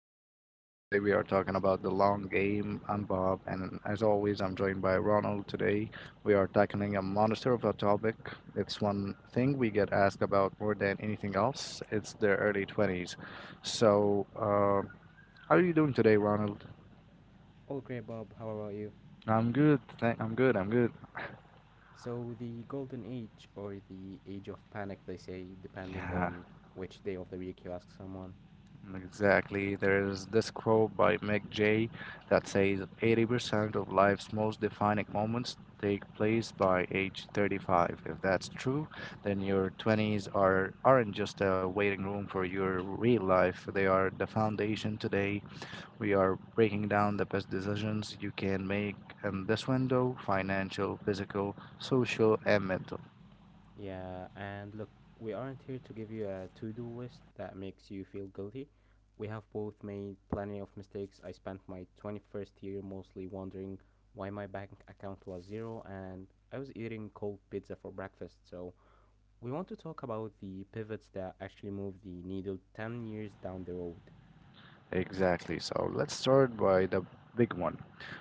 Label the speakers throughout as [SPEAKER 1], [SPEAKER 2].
[SPEAKER 1] Unplugged. Today we are talking about the long game. I'm Bob, and as always, I'm joined by Ronald. Today we are tackling a monster of a topic. It's one thing we get asked about more than anything else. It's the early 20s. So, uh, how are you doing today, Ronald?
[SPEAKER 2] All great, Bob. How about you?
[SPEAKER 1] I'm good. I'm good. I'm good.
[SPEAKER 2] So, the golden age, or the age of panic, they say, depending on which day of the week you ask someone.
[SPEAKER 1] Exactly. There's this quote by Mick Jay that says 80% of life's most defining moments take place by age 35. If that's true, then your 20s aren't just a waiting room for your real life. They are the foundation today. We are breaking down the best decisions you can make in this window, financial, physical, social, and mental.
[SPEAKER 2] Yeah, and look, we aren't here to give you a to do list that makes you feel guilty. We have both made plenty of mistakes. I spent my 21st year mostly wondering why my bank account was zero, and I was eating cold pizza for breakfast. So, we want to talk about the pivots that actually move the needle 10 years down the road.
[SPEAKER 1] Exactly. So let's start by the big one.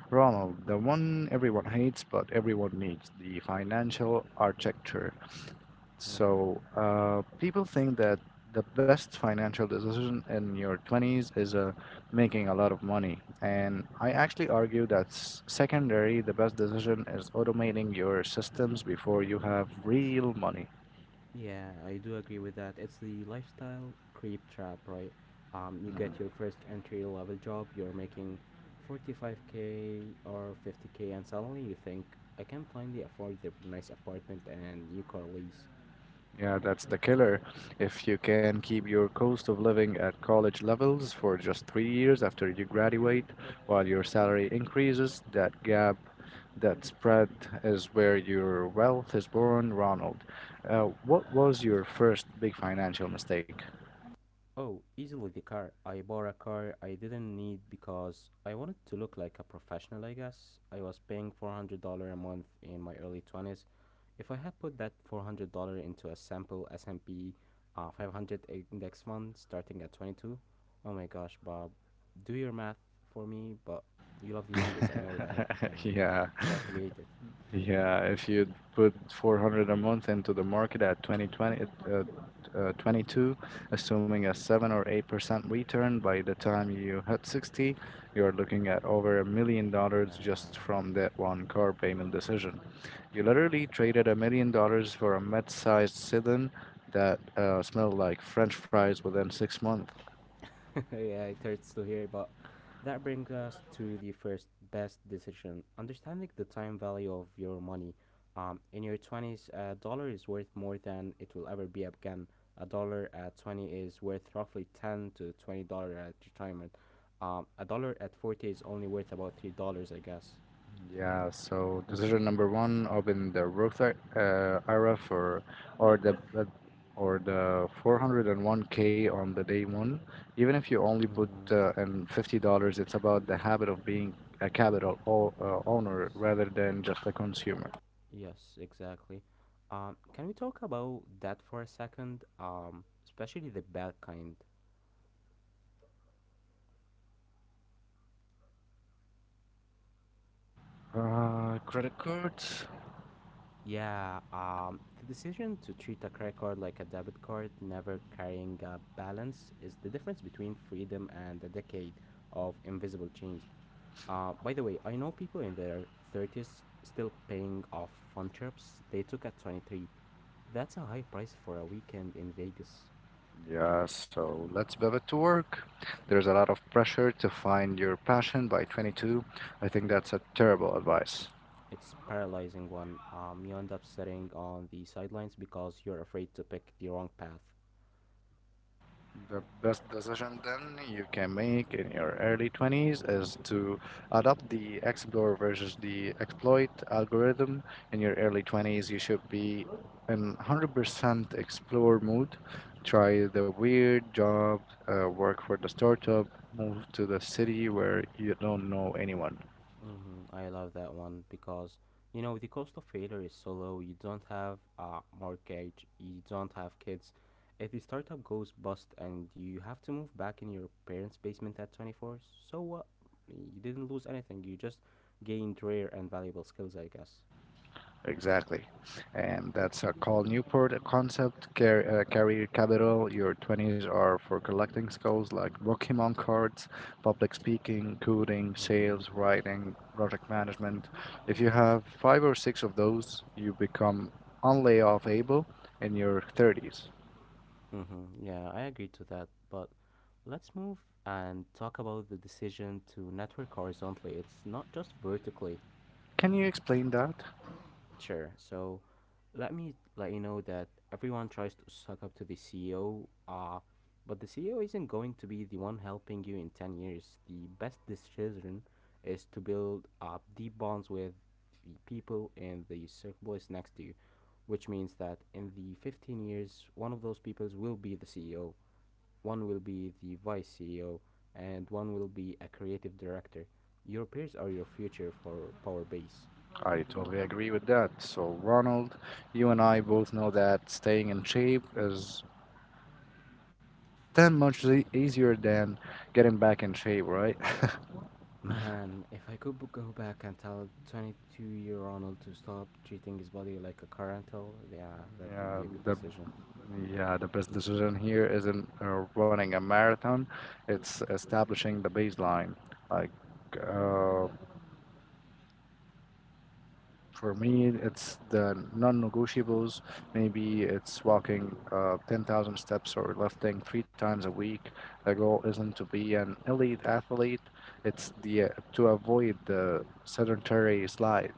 [SPEAKER 1] Ronald, the one everyone hates but everyone needs, the financial architecture.
[SPEAKER 2] Hmm.
[SPEAKER 1] People think that the best financial decision in your 20s is making a lot of money. And I actually argue that secondary, the best decision is automating your systems before you have real money.
[SPEAKER 2] Yeah, I do agree with that. It's the lifestyle creep trap, right? You get your first entry level job, you're making 45K or 50K, and suddenly you think, I can finally afford the nice apartment and new car lease.
[SPEAKER 1] Yeah, that's the killer. If you can keep your cost of living at college levels for just three years after you graduate, while your salary increases, that gap, that spread is where your wealth is born, Ronald. What was your first big financial mistake?
[SPEAKER 2] Oh, easily the car. I bought a car I didn't need because I wanted to look like a professional, I guess. I was paying $400 a month in my early 20s. If I had put that $400 into a sample S&P 500 index fund starting at 22, oh my gosh, Bob, do your math for me, but you love the numbers, I know that, and
[SPEAKER 1] Yeah.
[SPEAKER 2] calculate it.
[SPEAKER 1] Yeah, if you put 400 a month into the market at 2020, uh, 22, assuming a 7 or 8% return by the time you hit 60, you're looking at over $1 million
[SPEAKER 2] Yeah.
[SPEAKER 1] just from that one car payment decision. You literally traded $1 million for a mid-sized sedan that smelled like French fries within six months.
[SPEAKER 2] Yeah, it hurts to hear, but that brings us to the first best decision. Understanding the time value of your money. In your 20s, a dollar is worth more than it will ever be again. A dollar at 20 is worth roughly 10 to $20 at retirement. A dollar at 40 is only worth about $3, I guess.
[SPEAKER 1] Yeah, so decision number one, open the Roth era for or the uh, or the 401k on the day one. Even if you only put
[SPEAKER 2] Mm-hmm.
[SPEAKER 1] uh, in $50, it's about the habit of being a capital o
[SPEAKER 2] Y-
[SPEAKER 1] owner
[SPEAKER 2] Yes.
[SPEAKER 1] rather than just a consumer.
[SPEAKER 2] Yes, exactly. Can we talk about that for a second? Especially the bad kind.
[SPEAKER 1] Credit cards.
[SPEAKER 2] Yeah, the decision to treat a credit card like a debit card, never carrying a balance, is the difference between freedom and a decade of invisible chains. By the way, I know people in their 30s still paying off fun trips they took at 23. That's a high price for a weekend in Vegas.
[SPEAKER 1] Yeah, so let's pivot to work. There's a lot of pressure to find your passion by 22. I think that's a terrible advice.
[SPEAKER 2] It's paralyzing one. You end up sitting on the sidelines because you're afraid to pick the wrong path.
[SPEAKER 1] The best decision then you can make in your early 20s is to adopt the explore versus the exploit algorithm. In your early 20s, you should be in 100% explore mood. Try the weird job, work for the startup, move to the city where you don't know anyone.
[SPEAKER 2] Hmm. I love that one because the cost of failure is so low. You don't have a mortgage, you don't have kids. If the startup goes bust and you have to move back in your parents' basement at 24, so what? You didn't lose anything. You just gained rare and valuable skills, I guess.
[SPEAKER 1] Exactly. And that's a call Newport concept. Carry capital. Your 20s are for collecting skills like Pokemon cards, public speaking, coding,
[SPEAKER 2] Mm-hmm.
[SPEAKER 1] sales, writing, project management. If you have five or six of those, you become on able in your 30s.
[SPEAKER 2] Mm-hmm. Yeah, I agree to that. But let's move and talk about the decision to network horizontally. It's not just vertically.
[SPEAKER 1] Can you explain that?
[SPEAKER 2] Sure. So let me let you know that everyone tries to suck up to the CEO, but the CEO isn't going to be the one helping you in 10 years. The best decision is to build up deep bonds with the people in the circles next to you, which means that in the 15 years, one of those people will be the CEO, one will be the vice CEO, and one will be a creative director. Your peers are your future for Power Base.
[SPEAKER 1] I totally agree with that. So, Ronald, you and I both know that staying in shape is that much easier than getting back in shape, right?
[SPEAKER 2] Man, if I could go back and tell 22-year Ronald to stop treating his body like a car rental, yeah, that would
[SPEAKER 1] Yeah,
[SPEAKER 2] be a good
[SPEAKER 1] the
[SPEAKER 2] decision.
[SPEAKER 1] yeah, the best decision here isn't running a marathon, it's establishing the baseline. Like uh, for me, it's the non-negotiables. Maybe it's walking 10,000 steps or lifting three times a week. The goal isn't to be an elite athlete, it's the to avoid the sedentary slide.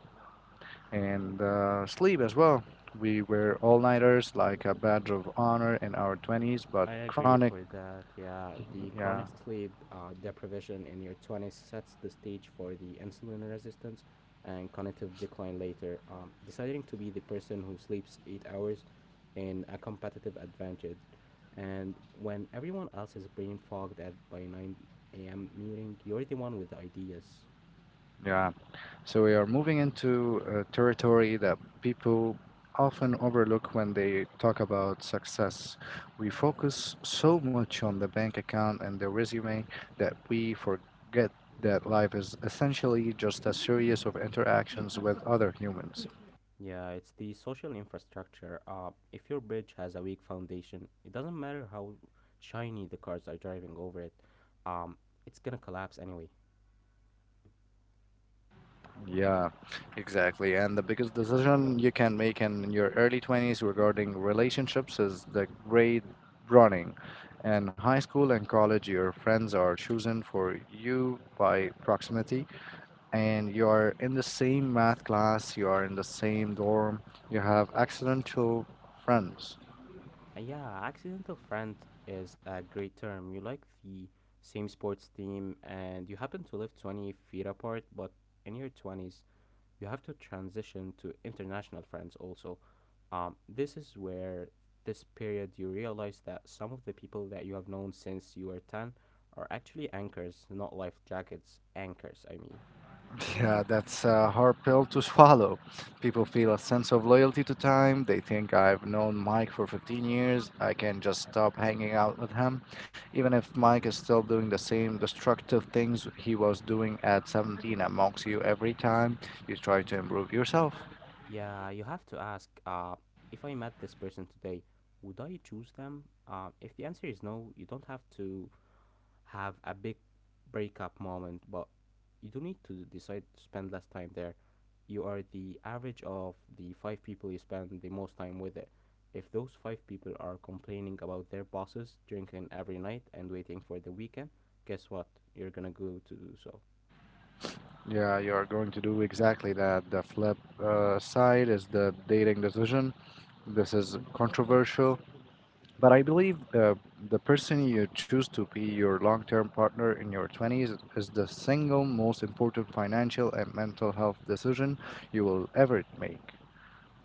[SPEAKER 1] And sleep as well. We were all nighters like a badge of honor in our 20s, but
[SPEAKER 2] I agree
[SPEAKER 1] chronic,
[SPEAKER 2] for that, yeah. The
[SPEAKER 1] yeah,
[SPEAKER 2] chronic sleep deprivation in your 20s sets the stage for the insulin resistance and cognitive decline later. Deciding to be the person who sleeps 8 hours in a competitive advantage, and when everyone else is brain fogged at by 9 a.m. meeting, you're the one with the ideas.
[SPEAKER 1] yeah. So we are moving into a territory that people often overlook when they talk about success. We focus so much on the bank account and the resume that we forget that life is essentially just a series of interactions with other humans.
[SPEAKER 2] Yeah, it's the social infrastructure. If your bridge has a weak foundation, it doesn't matter how shiny the cars are driving over it. Um, it's gonna collapse anyway.
[SPEAKER 1] Yeah, exactly. And the biggest decision you can make in your early 20s regarding relationships is the grade running. In high school and college, your friends are chosen for you by proximity, and you are in the same math class, you are in the same dorm, you have accidental friends.
[SPEAKER 2] And yeah, accidental friend is a great term. You like the same sports team, and you happen to live 20 feet apart, but in your 20s, you have to transition to international friends also. This is where this period you realize that some of the people that you have known since you were 10 are actually anchors, not life jackets, anchors, I mean.
[SPEAKER 1] Yeah, that's a hard pill to swallow. People feel a sense of loyalty to time. They think I've known Mike for 15 years. I can just stop hanging out with him. Even if Mike
[SPEAKER 2] Mm.
[SPEAKER 1] is still doing the same destructive things he was doing at 17 and mocks you every time you try to improve yourself.
[SPEAKER 2] Yeah, you have to ask if I met this person today, would I choose them? If the answer is no, you don't have to have a big breakup moment, but you don't need to decide to spend less time there. You are the average of the five people you spend the most time with it. If those five people are complaining about their bosses, drinking every night, and waiting for the weekend, guess what? You're gonna go to do so.
[SPEAKER 1] Yeah, you're going to do exactly that. The flip side is the dating decision. This is controversial. But I believe the person you choose to be your long term partner in your 20s is the single most important financial and mental health decision you will ever make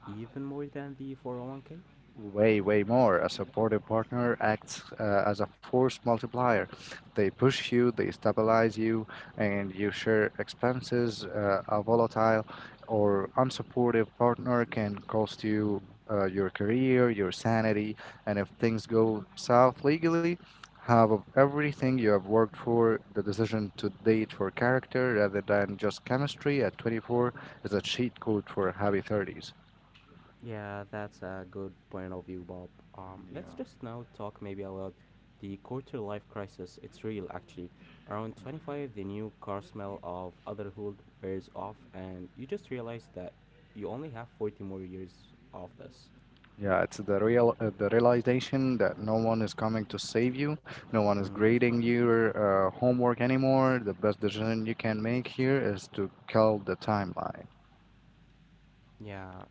[SPEAKER 2] Even more than the 401k?
[SPEAKER 1] way, way more. A supportive partner acts as a force multiplier. They push you, they stabilize you, and you share expenses. A volatile or unsupportive partner can cost you
[SPEAKER 2] Mm.
[SPEAKER 1] your career, your sanity, and if things go south legally, have of everything you have worked for. The decision to date for character rather than just chemistry at 24 is a cheat code for happy 30s.
[SPEAKER 2] Yeah, that's a good point of view, Bob.
[SPEAKER 1] Yeah.
[SPEAKER 2] Let's just now talk maybe about the quarter life crisis. It's real, actually. Around 25, the new car smell of adulthood wears off, and you just realize that you only have 40 more years of this.
[SPEAKER 1] Yeah, it's the real the realization that no one is coming to save you, no one is
[SPEAKER 2] Mm,
[SPEAKER 1] grading your homework anymore. The best decision you can make here is to kill the timeline.
[SPEAKER 2] yeah.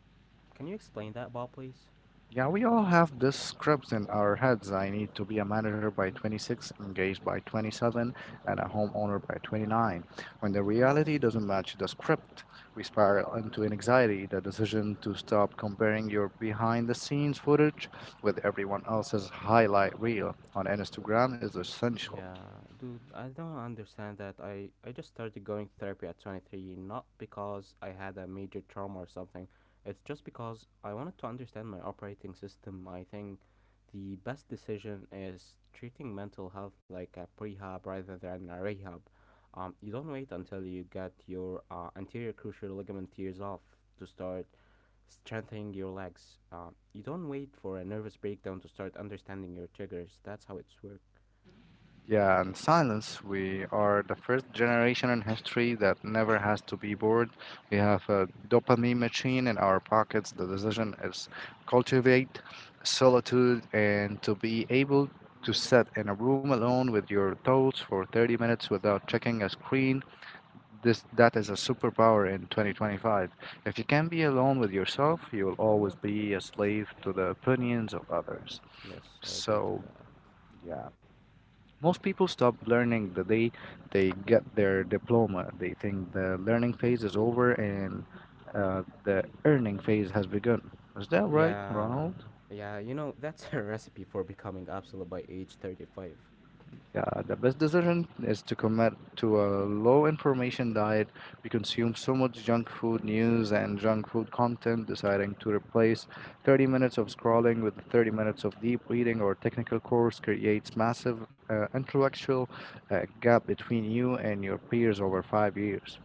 [SPEAKER 2] Can you explain that, Bob, please?
[SPEAKER 1] Yeah, we all have these scripts in our heads. I need to be a manager by 26, engaged by 27, and a
[SPEAKER 2] Mm.
[SPEAKER 1] homeowner by 29. When the reality doesn't match the script, we spiral into anxiety. The decision to stop comparing your behind the scenes footage with everyone else's highlight reel on Instagram is essential.
[SPEAKER 2] Yeah, dude, I don't understand that. I just started going to therapy at 23, not because I had a major trauma or something. It's just because I wanted to understand my operating system. I think the best decision is treating mental health like a prehab rather than a rehab. You don't wait until you get your anterior cruciate ligament tears off to start strengthening your legs. You don't wait for a nervous breakdown to start understanding your triggers. That's how it's works.
[SPEAKER 1] Yeah, and silence. We are the first generation in history that never has to be bored. We have a dopamine machine in our pockets. The decision is cultivate solitude and to be able to sit in a room alone with your thoughts for 30 minutes without checking a screen. This that is a superpower in 2025. If you can be alone with yourself, you will always be a slave to the opinions of others.
[SPEAKER 2] Yes, I agree to
[SPEAKER 1] So,
[SPEAKER 2] that.
[SPEAKER 1] yeah. Most people stop learning the day they get their diploma. They think the learning phase is over and the earning phase has begun. Is that right,
[SPEAKER 2] Yeah,
[SPEAKER 1] Ronald?
[SPEAKER 2] yeah, that's a recipe for becoming obsolete by age 35.
[SPEAKER 1] Yeah, the best decision is to commit to a low information diet. We consume so much junk food news and junk food content, deciding to replace 30 minutes of scrolling with 30 minutes of deep reading or technical course creates massive intellectual gap between you and your peers over five years.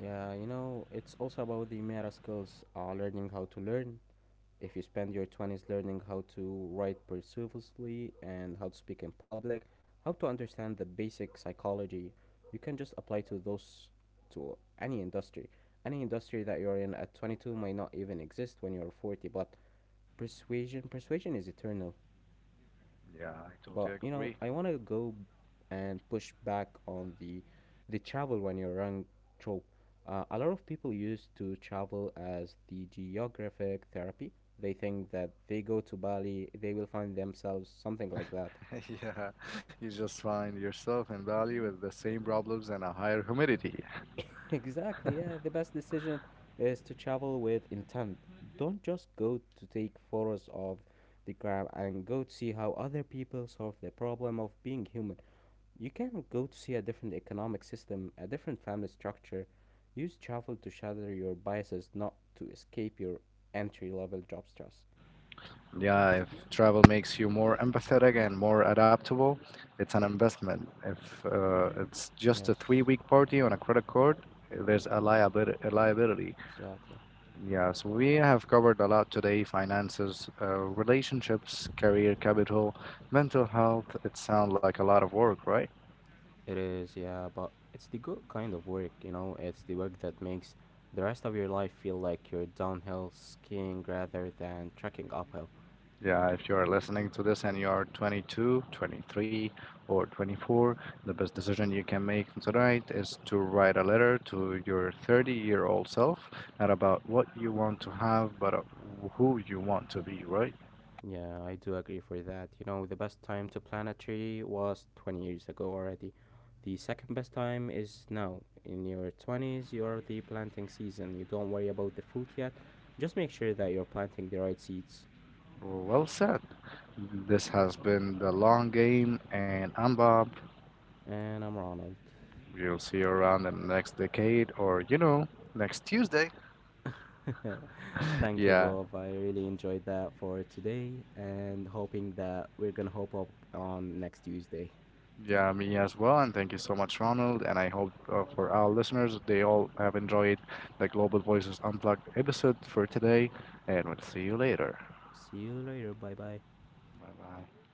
[SPEAKER 2] Yeah, it's also about the meta skills, learning how to learn. If you spend your 20s learning how to write persuasively and how to speak in public, how to understand the basic psychology, you can just apply to those to any industry. Any industry that you're in at 22 might not even exist when you're 40, but persuasion is eternal.
[SPEAKER 1] Yeah, I
[SPEAKER 2] But
[SPEAKER 1] totally agree.
[SPEAKER 2] I want to go and push back on the travel when you're young trope. A lot of people used to travel as the geographic therapy. They think that they go to Bali, they will find themselves something like that.
[SPEAKER 1] Yeah, you just find yourself in Bali with the same problems and a higher humidity.
[SPEAKER 2] Exactly, yeah. The best decision is to travel with intent. Don't just go to take photos of the crab and go to see how other people solve the problem of being human. You can go to see a different economic system, a different family structure. Use travel to shatter your biases, not to escape your entry level job stress.
[SPEAKER 1] Yeah, if travel makes you more empathetic and more adaptable, it's an investment. If it's just a
[SPEAKER 2] Yes,
[SPEAKER 1] three-week party on a credit card, there's a liability, a liability.
[SPEAKER 2] exactly.
[SPEAKER 1] Yeah, so we have covered a lot today finances, relationships, career capital, mental health. It sounds like a lot of work, right?
[SPEAKER 2] It is, yeah, but it's the good kind of work, you know? It's the work that makes the rest of your life feel like you're downhill skiing rather than trekking uphill.
[SPEAKER 1] Yeah, if you are listening to this and you are 22, 23, or 24, the best decision you can make tonight is to write a letter to your 30-year-old self, not about what you want to have, but
[SPEAKER 2] Yeah.
[SPEAKER 1] who you want to be, right?
[SPEAKER 2] Yeah, I do agree for that. The best time to plant a tree was 20 years ago already. The second best time is now. In your 20s, you're the planting season. You don't worry about the fruit yet. Just make sure that you're planting the right seeds.
[SPEAKER 1] Well said. This has been The Long Game, and I'm Bob.
[SPEAKER 2] And I'm Ronald.
[SPEAKER 1] We'll see you around in the next decade or, you know, next Tuesday.
[SPEAKER 2] Thank you,
[SPEAKER 1] Yeah.
[SPEAKER 2] Bob. I really enjoyed that for today and hoping that we're going to hope up on next Tuesday.
[SPEAKER 1] Yeah, me as well. And thank you so much, Ronald. And I hope for our listeners, they all have enjoyed the Global Voices Unplugged episode for today. And we'll see you later.
[SPEAKER 2] See you later. Bye bye.
[SPEAKER 1] Bye bye.